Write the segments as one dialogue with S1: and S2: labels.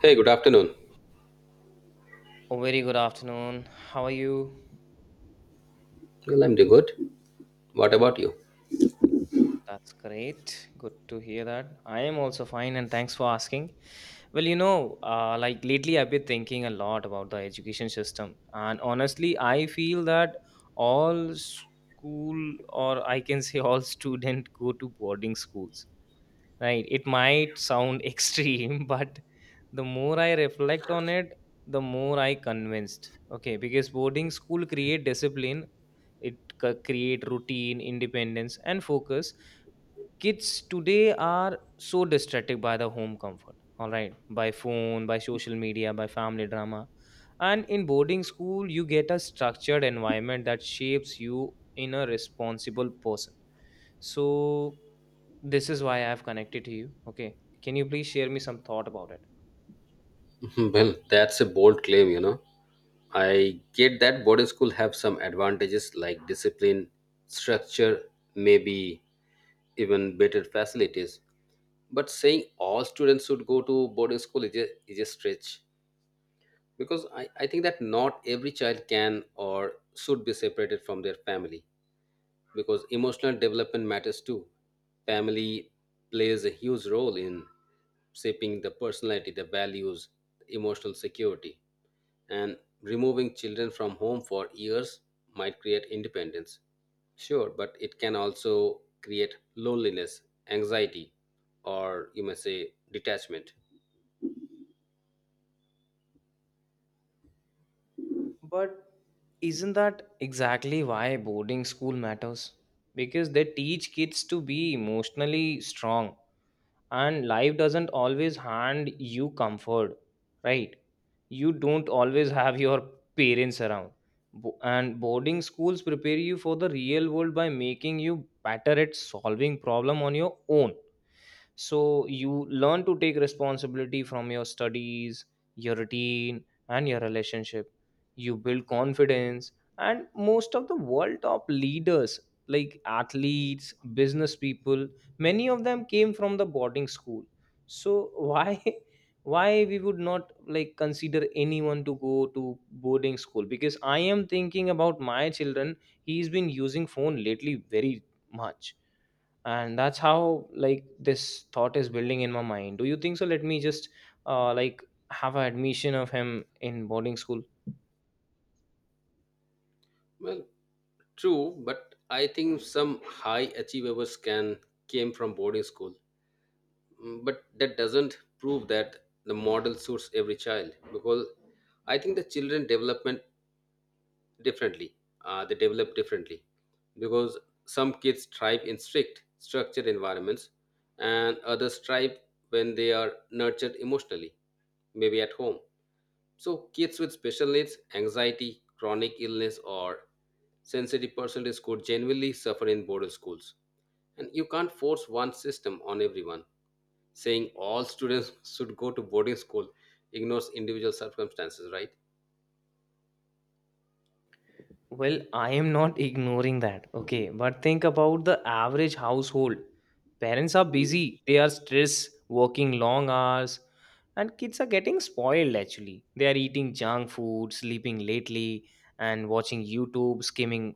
S1: Hey, good afternoon.
S2: Oh, very good afternoon. How are you?
S1: Well, I'm doing good. What about you?
S2: That's great. Good to hear that. I am also fine and thanks for asking. Well, like lately I've been thinking a lot about the education system. And honestly, I feel that all school, or I can say all student go to boarding schools. Right. It might sound extreme, but the more I reflect on it, the more I convinced. Okay, because boarding school create discipline, it create routine, independence, and focus. Kids today are so distracted by the home comfort. All right, by phone, by social media, by family drama, and in boarding school, you get a structured environment that shapes you in a responsible person, so this is why I've connected to you. Okay. Can you please share me some thought about it?
S1: Well, that's a bold claim, you know. I get that boarding school have some advantages like discipline, structure, maybe even better facilities. But saying all students should go to boarding school is is a stretch because I think that not every child can or should be separated from their family, because emotional development matters too. Family plays a huge role in shaping the personality, the values, the emotional security. And removing children from home for years might create independence. Sure, but it can also create loneliness, anxiety, or you may say detachment.
S2: But isn't that exactly why boarding school matters? Because they teach kids to be emotionally strong, and life doesn't always hand you comfort, right? You don't always have your parents around. And boarding schools prepare you for the real world by making you better at solving problem on your own, so you learn to take responsibility from your studies, your routine, and your relationship. You build
S1: Why?
S2: confidence, and most of the world top leaders, like athletes, business people, many of them came from the boarding school. So why why we would not like consider anyone to go to boarding school? Because I am thinking about my children. He's been using phone lately very much, and that's how, like, this thought is building in my mind. Do you think so? Let me just like have an admission of him in boarding school.
S1: Well, true, but I think some high achievers can came from boarding school. Mm, but that doesn't prove that the model suits every child, because I think the children development differently, they develop differently, because some kids thrive in strict structured environments, and others thrive when they are nurtured emotionally, maybe at home. So kids with special needs, anxiety, chronic illness, or sensitive personalities could genuinely suffer in boarding schools, and you can't force one system on everyone. Saying all students should go to boarding school ignores individual circumstances, right?
S2: Well, I am not ignoring that. Okay. But think about the average household. Parents are busy, they are stressed, working long hours, and kids are getting spoiled actually. They are eating junk food, sleeping lately, and watching YouTube, skimming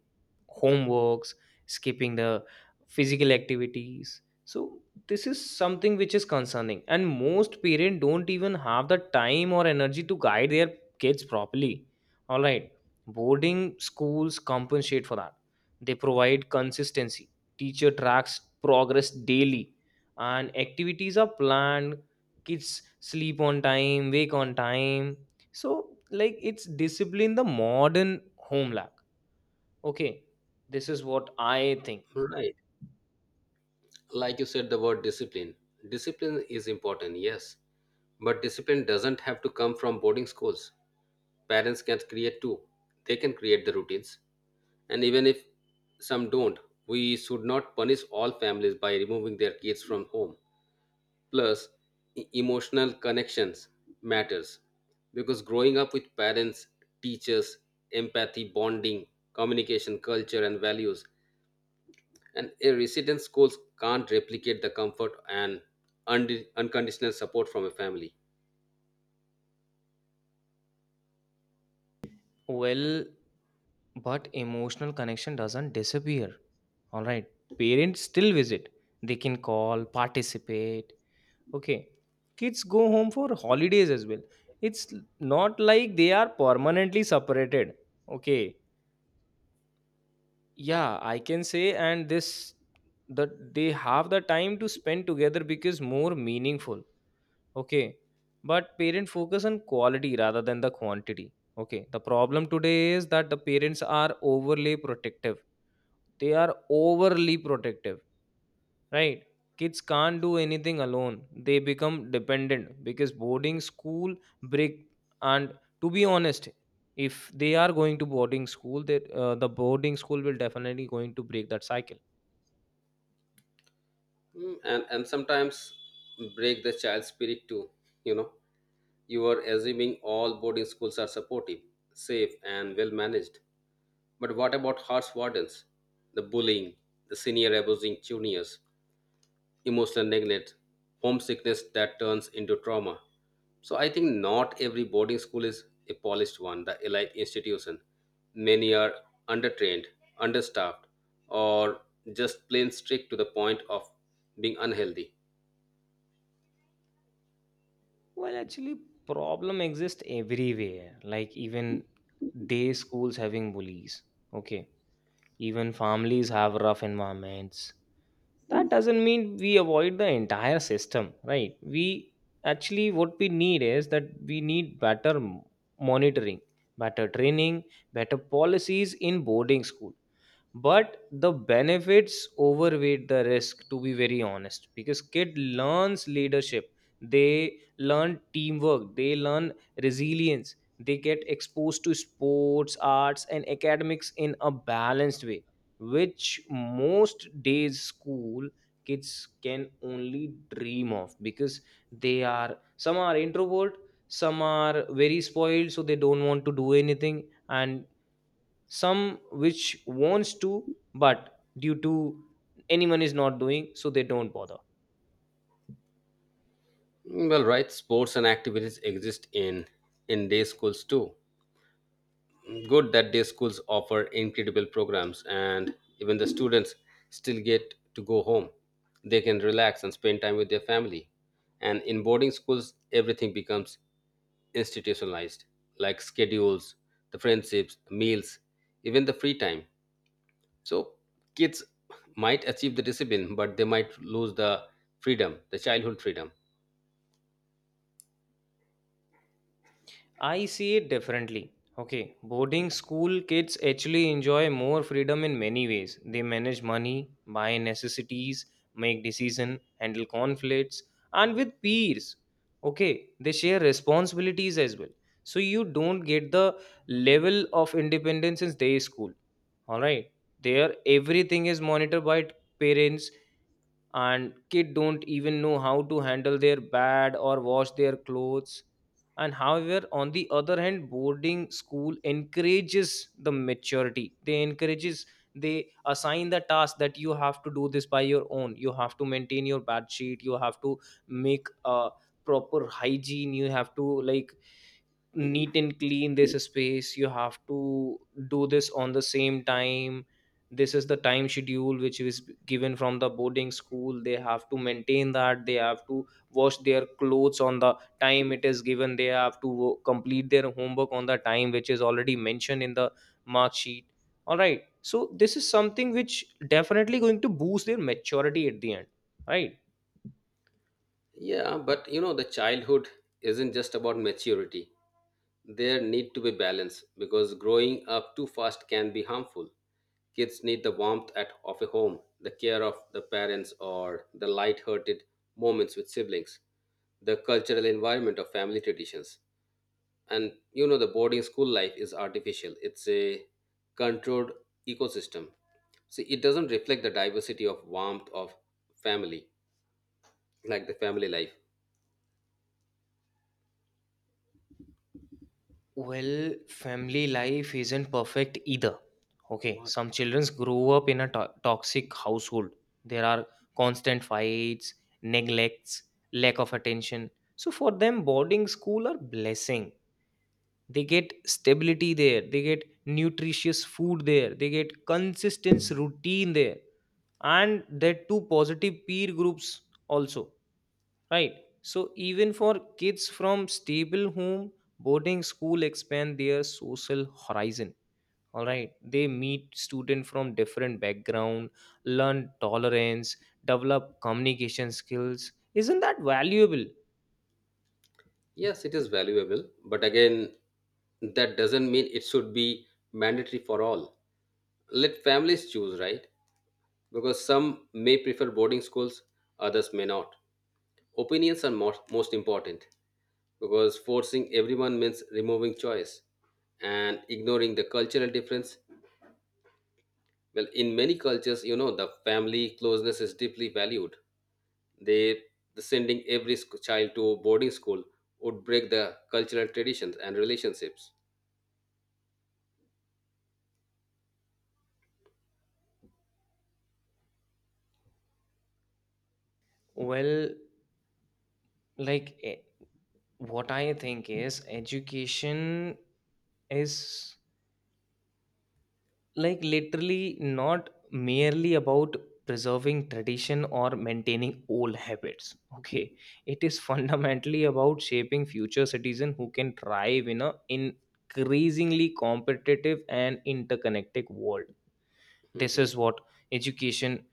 S2: homeworks, skipping the physical activities. So, this is something which is concerning. And most parents don't even have the time or energy to guide their kids properly. All right. Boarding schools compensate for that. They provide consistency. Teacher tracks progress daily, and activities are planned. Kids sleep on time, wake on time. So, like, it's discipline the modern home lack. Okay, this is what I think.
S1: Right. Like you said, the word discipline. Discipline is important, yes, but discipline doesn't have to come from boarding schools. Parents can create too, they can create the routines. And even if some don't, we should not punish all families by removing their kids from home. Plus emotional connections matters, because growing up with parents, teachers, empathy, bonding, communication, culture and values, and a resident schools can't replicate the comfort and unconditional support from a family.
S2: Well, but emotional connection doesn't disappear. All right, parents still visit. They can call, participate. Okay. Kids go home for holidays as well. It's not like they are permanently separated. Okay. Yeah, I can say, and this that they have the time to spend together because more meaningful. Okay. But parent focus on quality rather than the quantity. Okay. The problem today is that the parents are overly protective. They are overly protective, right? Kids can't do anything alone. They become dependent because boarding school break. And to be honest, if they are going to boarding school that the boarding school will definitely going to break that cycle.
S1: Mm, and sometimes break the child's spirit too, you know. You are assuming all boarding schools are supportive, safe and well managed, but what about harsh wardens, the bullying, the senior abusing juniors, emotional neglect, homesickness that turns into trauma. So I think not every boarding school is a polished one, the elite institution. Many are undertrained, understaffed, or just plain strict to the point of being unhealthy.
S2: Well, actually problem exists everywhere, like even day schools having bullies. Okay, even families have rough environments. That doesn't mean we avoid the entire system, right? We actually, what we need is that we need better monitoring, better training, better policies in boarding school. But the benefits overweight the risk, to be very honest, because kid learns leadership, they learn teamwork, they learn resilience, they get exposed to sports, arts, and academics in a balanced way, which most days school kids can only dream of, because they are some are introvert, some are very spoiled, so they don't want to do anything, and some which wants to, but due to anyone is not doing, so they don't bother.
S1: Well, right, sports and activities exist in day schools too. Good that day schools offer incredible programs, and even the students still get to go home, they can relax and spend time with their family. And in boarding schools everything becomes institutionalized, like schedules, the friendships, meals, even the free time. So kids might achieve the discipline, but they might lose the freedom, the childhood freedom.
S2: I see it differently. Okay, boarding school kids actually enjoy more freedom in many ways. They manage money, buy necessities, make decision, handle conflicts, and with peers. Okay, they share responsibilities as well. So you don't get the level of independence in day school. All right, there everything is monitored by parents, and kid don't even know how to handle their bed or wash their clothes. And however, on the other hand, boarding school encourages the maturity, they assign the task that you have to do this by your own. You have to maintain your bed sheet, you have to make a proper hygiene, you have to like neat and clean this space, you have to do this on the same time. This is the time schedule which is given from the boarding school. They have to maintain that, they have to wash their clothes on the time it is given, they have to complete their homework on the time which is already mentioned in the mark sheet. All right, so this is something which definitely going to boost their maturity at the end, right?
S1: Yeah, but you know, the childhood isn't just about maturity. There need to be balance, because growing up too fast can be harmful. Kids need the warmth at, of a home, the care of the parents, or the light-hearted moments with siblings, the cultural environment of family traditions. And you know, the boarding school life is artificial, it's a controlled ecosystem. See, it doesn't reflect the diversity of warmth of family, like the family life.
S2: Well, family life isn't perfect either. Okay, some children grow up in a toxic household. There are constant fights, neglects, lack of attention. So for them, boarding school are blessing. They get stability there. They get nutritious food there. They get consistent routine there, and that too positive peer groups also. Right. So even for kids from stable home, boarding school expand their social horizon. All right. They meet students from different background, learn tolerance, develop communication skills. Isn't that valuable?
S1: Yes, it is valuable, but again, that doesn't mean it should be mandatory for all. Let families choose, right? Because some may prefer boarding schools, others may not. Opinions are most important, because forcing everyone means removing choice and ignoring the cultural difference. Well, in many cultures, you know, the family closeness is deeply valued. They the sending every child to boarding school would break the cultural traditions and relationships.
S2: Well, like what I think is education is like literally not merely about preserving tradition or maintaining old habits. Okay, it is fundamentally about shaping future citizens who can thrive in a increasingly competitive and interconnected world. This
S1: Mhm.
S2: is what education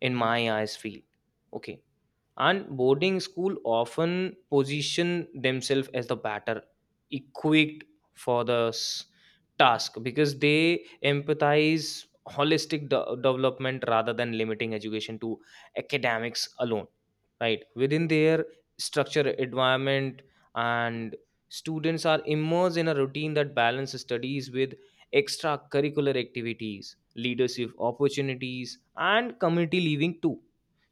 S2: in my eyes feel. Okay, and boarding school often position themselves as the better equipped for the task, because they empathize holistic development rather than limiting education to academics alone. Right, within their structure environment, and students are immersed in a routine that balances studies with extracurricular activities, leadership opportunities, and community living too.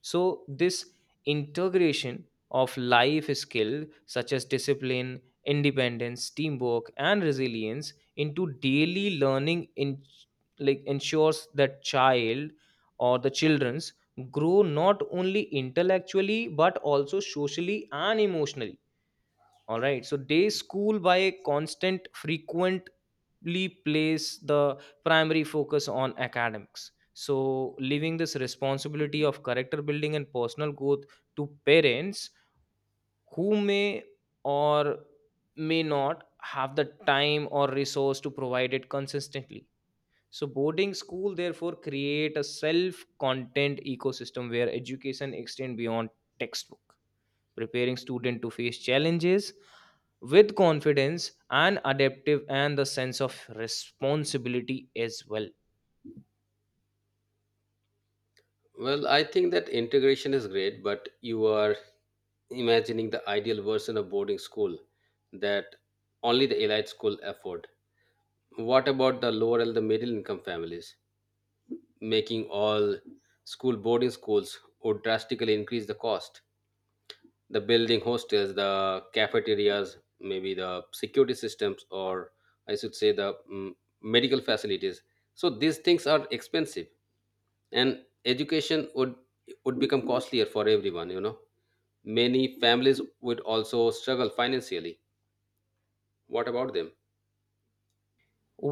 S2: So this integration of life skills such as discipline, independence, teamwork, and resilience into daily learning, in like, ensures that child or the children's grow not only intellectually but also socially and emotionally. All right, so day school, by constant frequent, place the primary focus on academics, so leaving this responsibility of character building and personal growth to parents, who may or may not have the time or resource to provide it consistently. So boarding school therefore create a self content ecosystem where education extend beyond textbook, preparing student to face challenges with confidence and adaptive and the sense of responsibility as well.
S1: Well, I think that integration is great, but you are imagining the ideal version of boarding school that only the elite school afford. What about the lower and the middle income families? Making all school boarding schools would drastically increase the cost. The building hostels, the cafeterias, maybe the security systems, or I should say the medical facilities. So these things are expensive, and education would become costlier for everyone, you know. Many families would also struggle financially. What about them?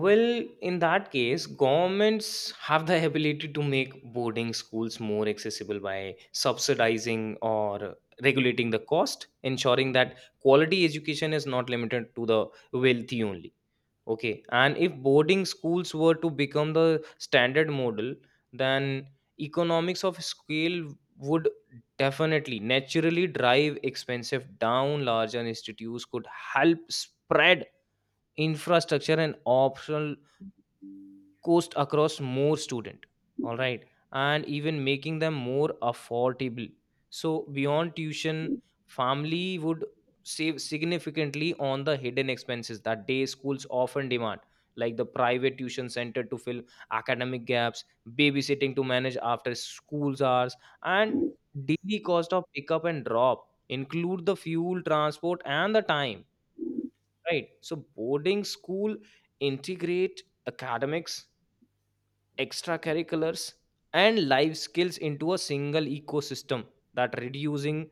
S2: Well, in that case, governments have the ability to make boarding schools more accessible by subsidizing or regulating the cost, ensuring that quality education is not limited to the wealthy only. Okay, and if boarding schools were to become the standard model, then economics of scale would definitely naturally drive expensive down. Larger institutes could help spread infrastructure and optional cost across more student. All right, and even making them more affordable. So beyond tuition, family would save significantly on the hidden expenses that day schools often demand, like the private tuition center to fill academic gaps, babysitting to manage after schools hours, and daily cost of pickup and drop, include the fuel transport and the time. Right, so boarding school integrate academics, extracurriculars, and life skills into a single ecosystem, that reducing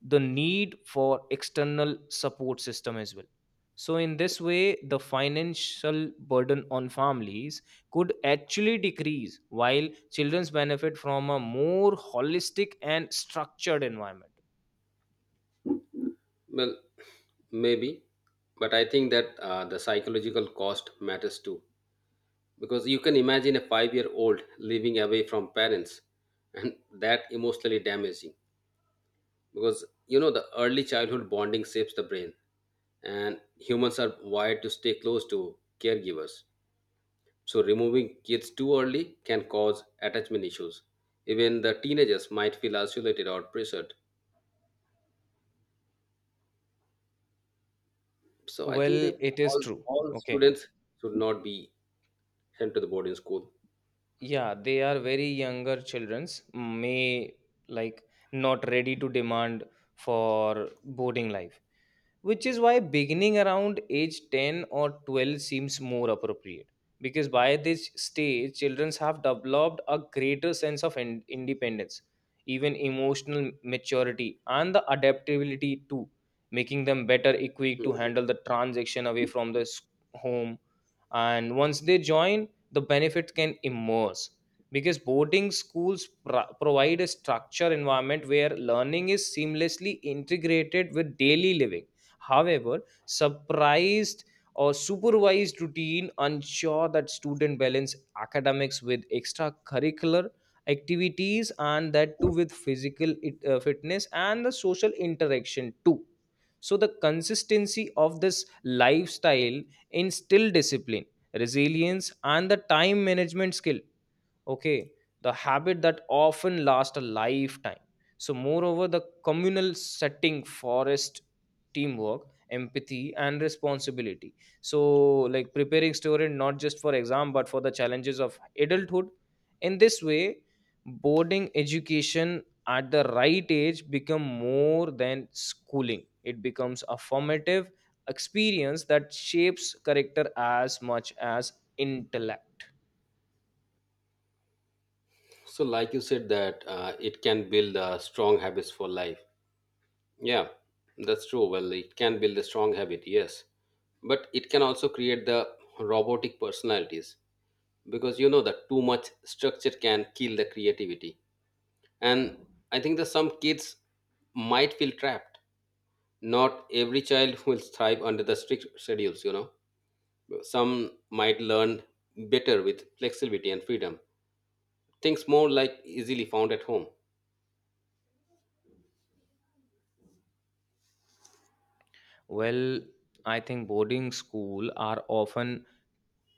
S2: the need for external support system as well. So in this way, the financial burden on families could actually decrease while children's benefit from a more holistic and structured environment.
S1: Well, maybe, but I think that the psychological cost matters too, because you can imagine a 5-year-old living away from parents, and that emotionally damaging, because you know the early childhood bonding shapes the brain, and humans are wired to stay close to caregivers. So, removing kids too early can cause attachment issues. Even the teenagers might feel isolated or pressured. So, I
S2: Well,
S1: think they
S2: it is true.
S1: all
S2: Okay.
S1: students should not be sent to the boarding school.
S2: Yeah, they are very younger childrens may like not ready to demand for boarding life, which is why beginning around age 10 or 12 seems more appropriate, because by this stage children have developed a greater sense of independence, even emotional maturity and the adaptability too, making them better equipped to
S1: Mhm.
S2: handle the transition away from the home. And once they join, the benefits can immerse, because boarding schools provide a structure environment where learning is seamlessly integrated with daily living. However, surprised or supervised routine ensure that student balance academics with extracurricular activities, and that too with physical fitness and the social interaction too. So the consistency of this lifestyle instill discipline, resilience, and the time management skill. Okay, the habit that often lasts a lifetime. So moreover, the communal setting forest teamwork, empathy, and responsibility. So, like, preparing student not just for exam but for the challenges of adulthood. In this way, boarding education at the right age become more than schooling. It becomes a formative experience that shapes character as much as intellect.
S1: So, like you said, that it can build strong habits for life. Yeah, that's true. Well, it can build a strong habit, yes, but it can also create the robotic personalities, because you know that too much structure can kill the creativity. And I think that some kids might feel trapped. Not every child will thrive under the strict schedules, you know. Some might learn better with flexibility and freedom, things more like easily found at home.
S2: Well, I think boarding school are often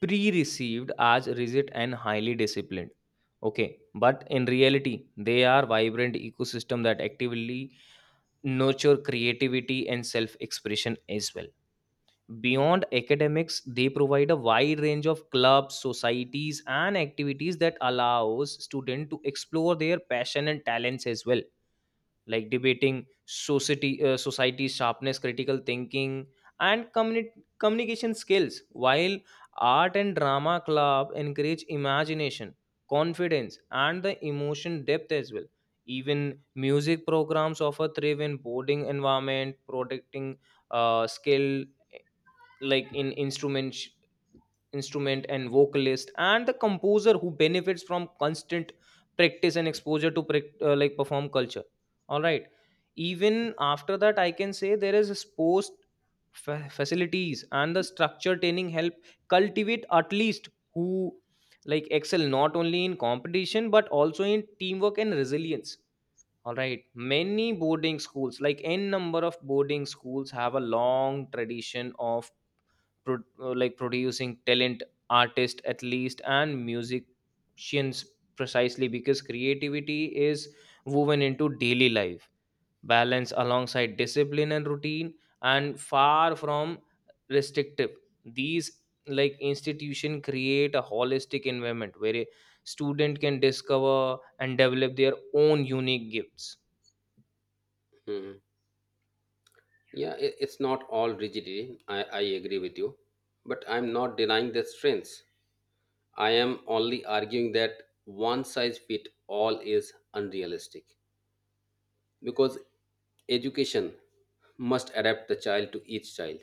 S2: pre-received as rigid and highly disciplined. Okay, but in reality, they are vibrant ecosystem that actively nurture creativity and self-expression as well. Beyond academics, they provide a wide range of clubs, societies, and activities that allows students to explore their passion and talents as well, like debating society sharpness critical thinking and communication skills, while art and drama club encourage imagination, confidence, and the emotion depth as well. Even music programs offer thrive in boarding environment, protecting skill like in instrument and vocalist and the composer who benefits from constant practice and exposure to like perform culture. All right, even after that I can say there is a sports facilities and the structure training help cultivate at least who like excel not only in competition but also in teamwork and resilience. All right, many boarding schools, like n number of boarding schools, have a long tradition of like producing talent artists at least and musicians, precisely because creativity is woven into daily life, balance alongside discipline and routine. And far from restrictive, these like institution create a holistic environment where a student can discover and develop their own unique gifts.
S1: Hmm. Yeah, it's not all rigidity. I agree with you. But I'm not denying their strengths. I am only arguing that one size fit all is unrealistic, because education must adapt the child to each child,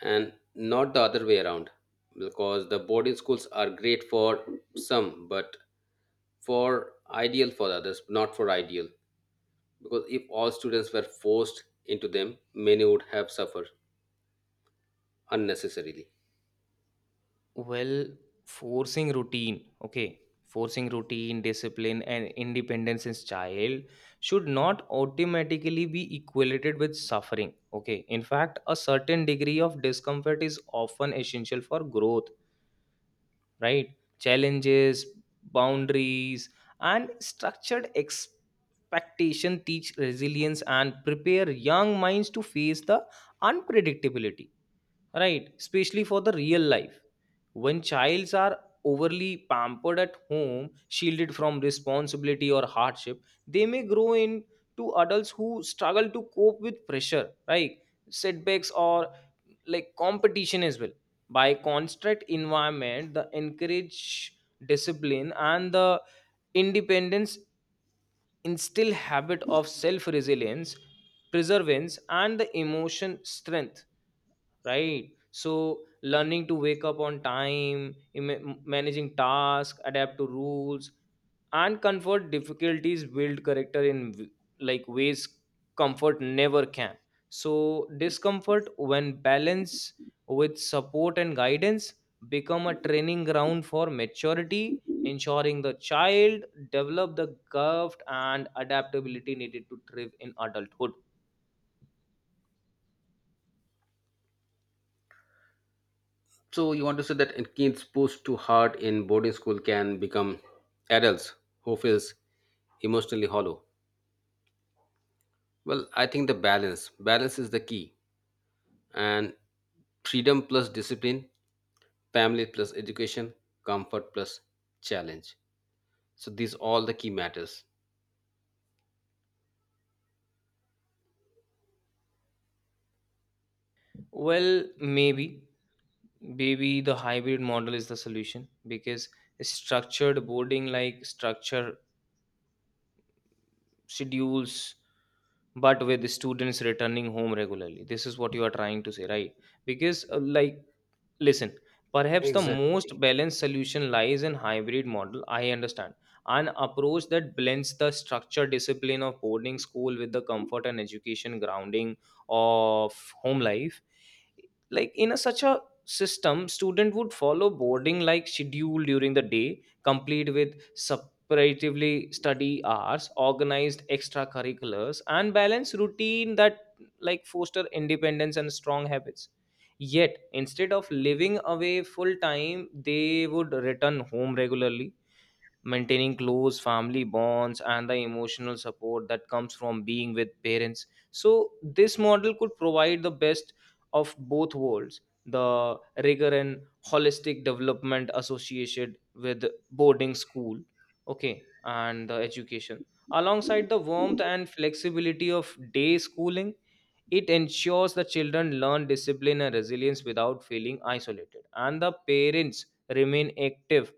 S1: and not the other way around. Because the boarding schools are great for some, but for ideal for others not for ideal, because if all students were forced into them many would have suffered unnecessarily.
S2: Well, forcing routine, okay, forcing routine, discipline, and independence in child should not automatically be equated with suffering. Okay, in fact, a certain degree of discomfort is often essential for growth, right? Challenges, boundaries, and structured expectation teach resilience and prepare young minds to face the unpredictability, right? Especially for the real life when childs are overly pampered at home, shielded from responsibility or hardship, they may grow into adults who struggle to cope with pressure, right? Setbacks or like competition as well. By constant environment, the encourage discipline and the independence instill habit of self resilience, perseverance, and the emotion strength, right? So learning to wake up on time, managing tasks, adapt to rules and comfort difficulties build character in like ways comfort never can. So discomfort, when balanced with support and guidance, become a training ground for maturity, ensuring the child develop the craft and adaptability needed to thrive in adulthood.
S1: So you want to say that in kids pushed too hard in boarding school can become adults who feels emotionally hollow. Well, I think the balance is the key, and freedom plus discipline, family plus education, comfort plus challenge, so these all the key matters.
S2: Well maybe Maybe the hybrid model is the solution, because structured boarding, like structure schedules, but with the students returning home regularly, this is what you are trying to say, right? Because like, listen, perhaps the most
S1: Exactly.
S2: balanced solution lies in hybrid model. I understand an approach that blends the structure discipline of boarding school with the comfort and education grounding of home life. Like in a such a system, student would follow boarding like schedule during the day, complete with separatively study hours, organized extracurriculars, and balance routine that like foster independence and strong habits. Yet, instead of living away full time, they would return home regularly, maintaining close family bonds and the emotional support that comes from being with parents. So, this model could provide the best of both worlds: the rigor and holistic development associated with boarding school, okay, and the education, alongside the warmth and flexibility of day schooling. It ensures the children learn discipline and resilience without feeling isolated, and the parents remain active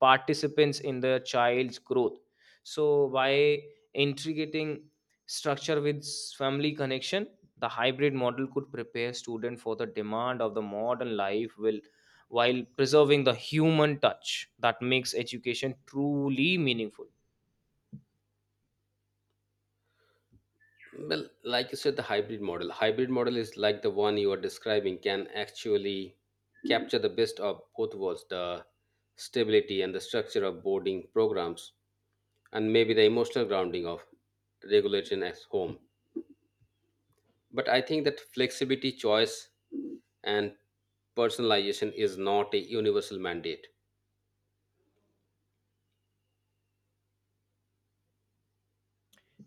S2: participants in the child's growth. So, by integrating structure with family connection, the hybrid model could prepare students for the demand of the modern life will, while preserving the human touch that makes education truly meaningful.
S1: Well, like you said, the hybrid model is like the one you are describing can actually capture the best of both worlds, the stability and the structure of boarding programs, and maybe the emotional grounding of regulation at home, but I think that flexibility, choice, and personalization is not a universal mandate.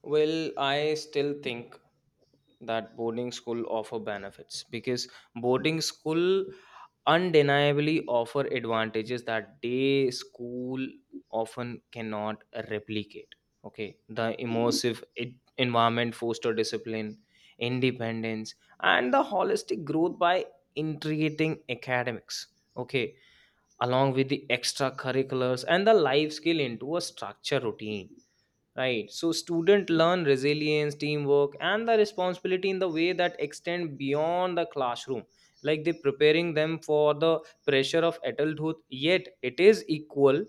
S2: Well, I still think that boarding school offer benefits, because boarding school undeniably offer advantages that day school often cannot replicate. Okay, the immersive environment foster discipline, independence, and the holistic growth by integrating academics. Okay, along with the extracurriculars and the life skill into a structure routine. Right. So students learn resilience, teamwork, and the responsibility in the way that extend beyond the classroom. Like they preparing them for the pressure of adulthood. Yet it is equal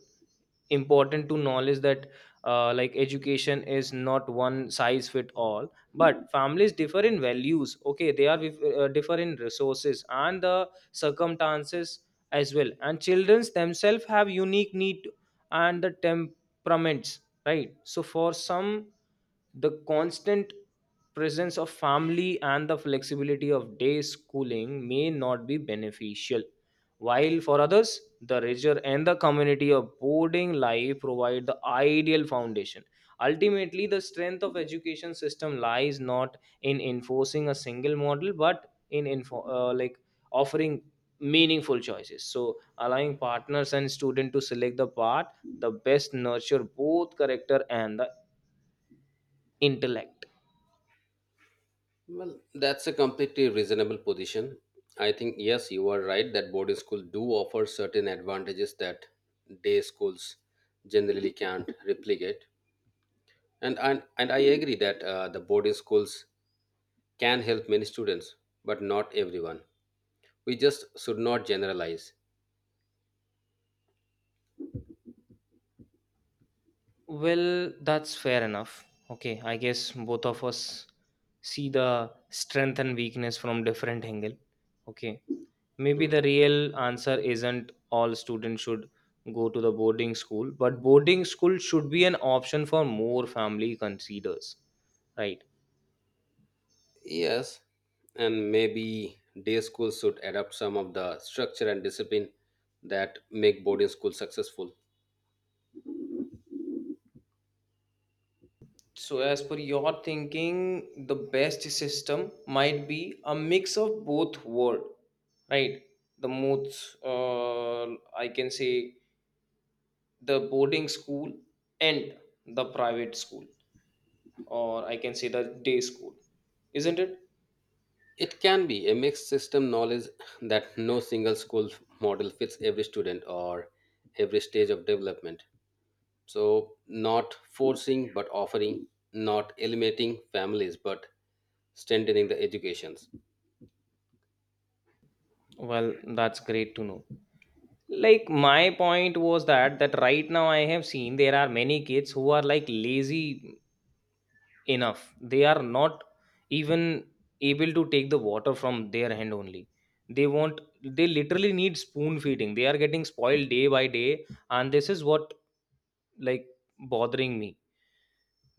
S2: important to knowledge that like education is not one size fit all, but families differ in values, okay, they are differ in resources and the circumstances as well, and childrens themselves have unique need and the temperaments, right? So for some, the constant presence of family and the flexibility of day schooling may not be beneficial, while for others, the nature and the community of boarding life provide the ideal foundation. Ultimately, the strength of education system lies not in enforcing a single model, but in like offering meaningful choices. So, allowing partners and students to select the path the best nurture both character and the intellect.
S1: Well, that's a completely reasonable position. I think, yes, you are right that boarding schools do offer certain advantages that day schools generally can't replicate. And, I agree that the boarding schools can help many students, but not everyone. We just should not generalize.
S2: Well, that's fair enough. Okay, I guess both of us see the strength and weakness from different angle. Okay, maybe the
S1: Mhm.
S2: real answer isn't all students should go to the boarding school, but boarding school should be an option for more family considers, right?
S1: Yes, and maybe day schools should adopt some of the structure and discipline that make boarding schools successful.
S2: So, as per your thinking, the best system might be a mix of both world, right? The most, I can say, the boarding school and the private school, or I can say the day school, isn't it?
S1: It can be a mixed system knowledge that no single school model fits every student or every stage of development. So, not forcing but offering, not eliminating families but strengthening the educations.
S2: Well, that's great to know. Like, my point was that that right now I have seen there are many kids who are like lazy enough, they are not even able to take the water from their hand only, they want, they literally need spoon feeding, they are getting spoiled day by day, and this is what like bothering me.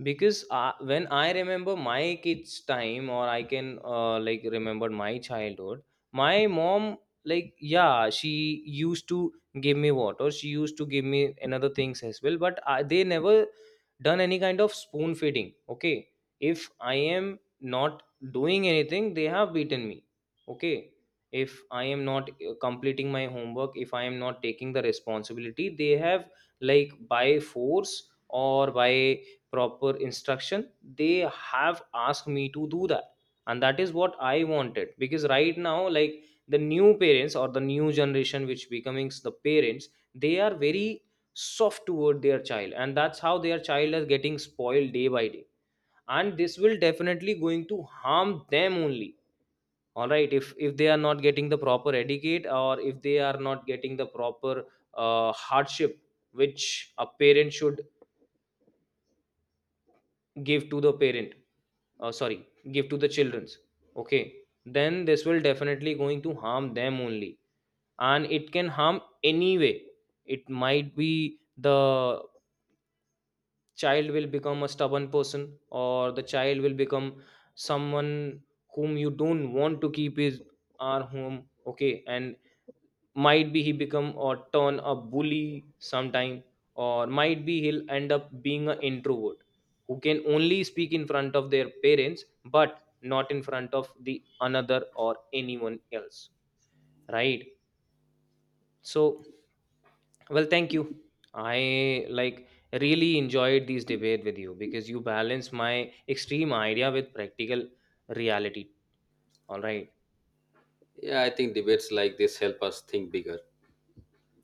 S2: Because when I remember my kids time, or I can like remember my childhood, my mom, like, yeah, she used to give me water, she used to give me another things as well, but I, they never done any kind of spoon feeding, okay? If I am not doing anything, they have beaten me, okay? If I am not completing my homework, if I am not taking the responsibility, they have, like, by force or by proper instruction, they have asked me to do that. And that is what I wanted, because right now, like, the new parents or the new generation which becoming the parents, they are very soft toward their child, and that's how their child is getting spoiled day by day, and this will definitely going to harm them only. All right, if they are not getting the proper educate, or if they are not getting the proper hardship which a parent should give to the parent sorry, give to the children's, okay, then this will definitely going to harm them only. And it can harm anyway. It might be the child will become a stubborn person, or the child will become someone whom you don't want to keep his our home, okay, and might be he become or turn a bully sometime, or might be he'll end up being an introvert who can only speak in front of their parents but not in front of the another or anyone else, right? So, well, thank you. I like really enjoyed this debate with you, because you balance my extreme idea with practical reality. All right.
S1: Yeah, I think debates like this help us think bigger.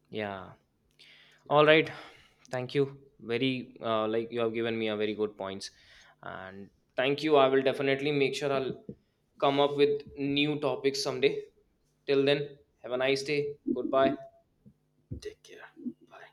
S2: Yeah. All right. Thank you. Very like, you have given me a very good points, and thank you. I will definitely make sure I'll come up with new topics someday. Till then, have a nice day. Goodbye.
S1: Take care. Bye.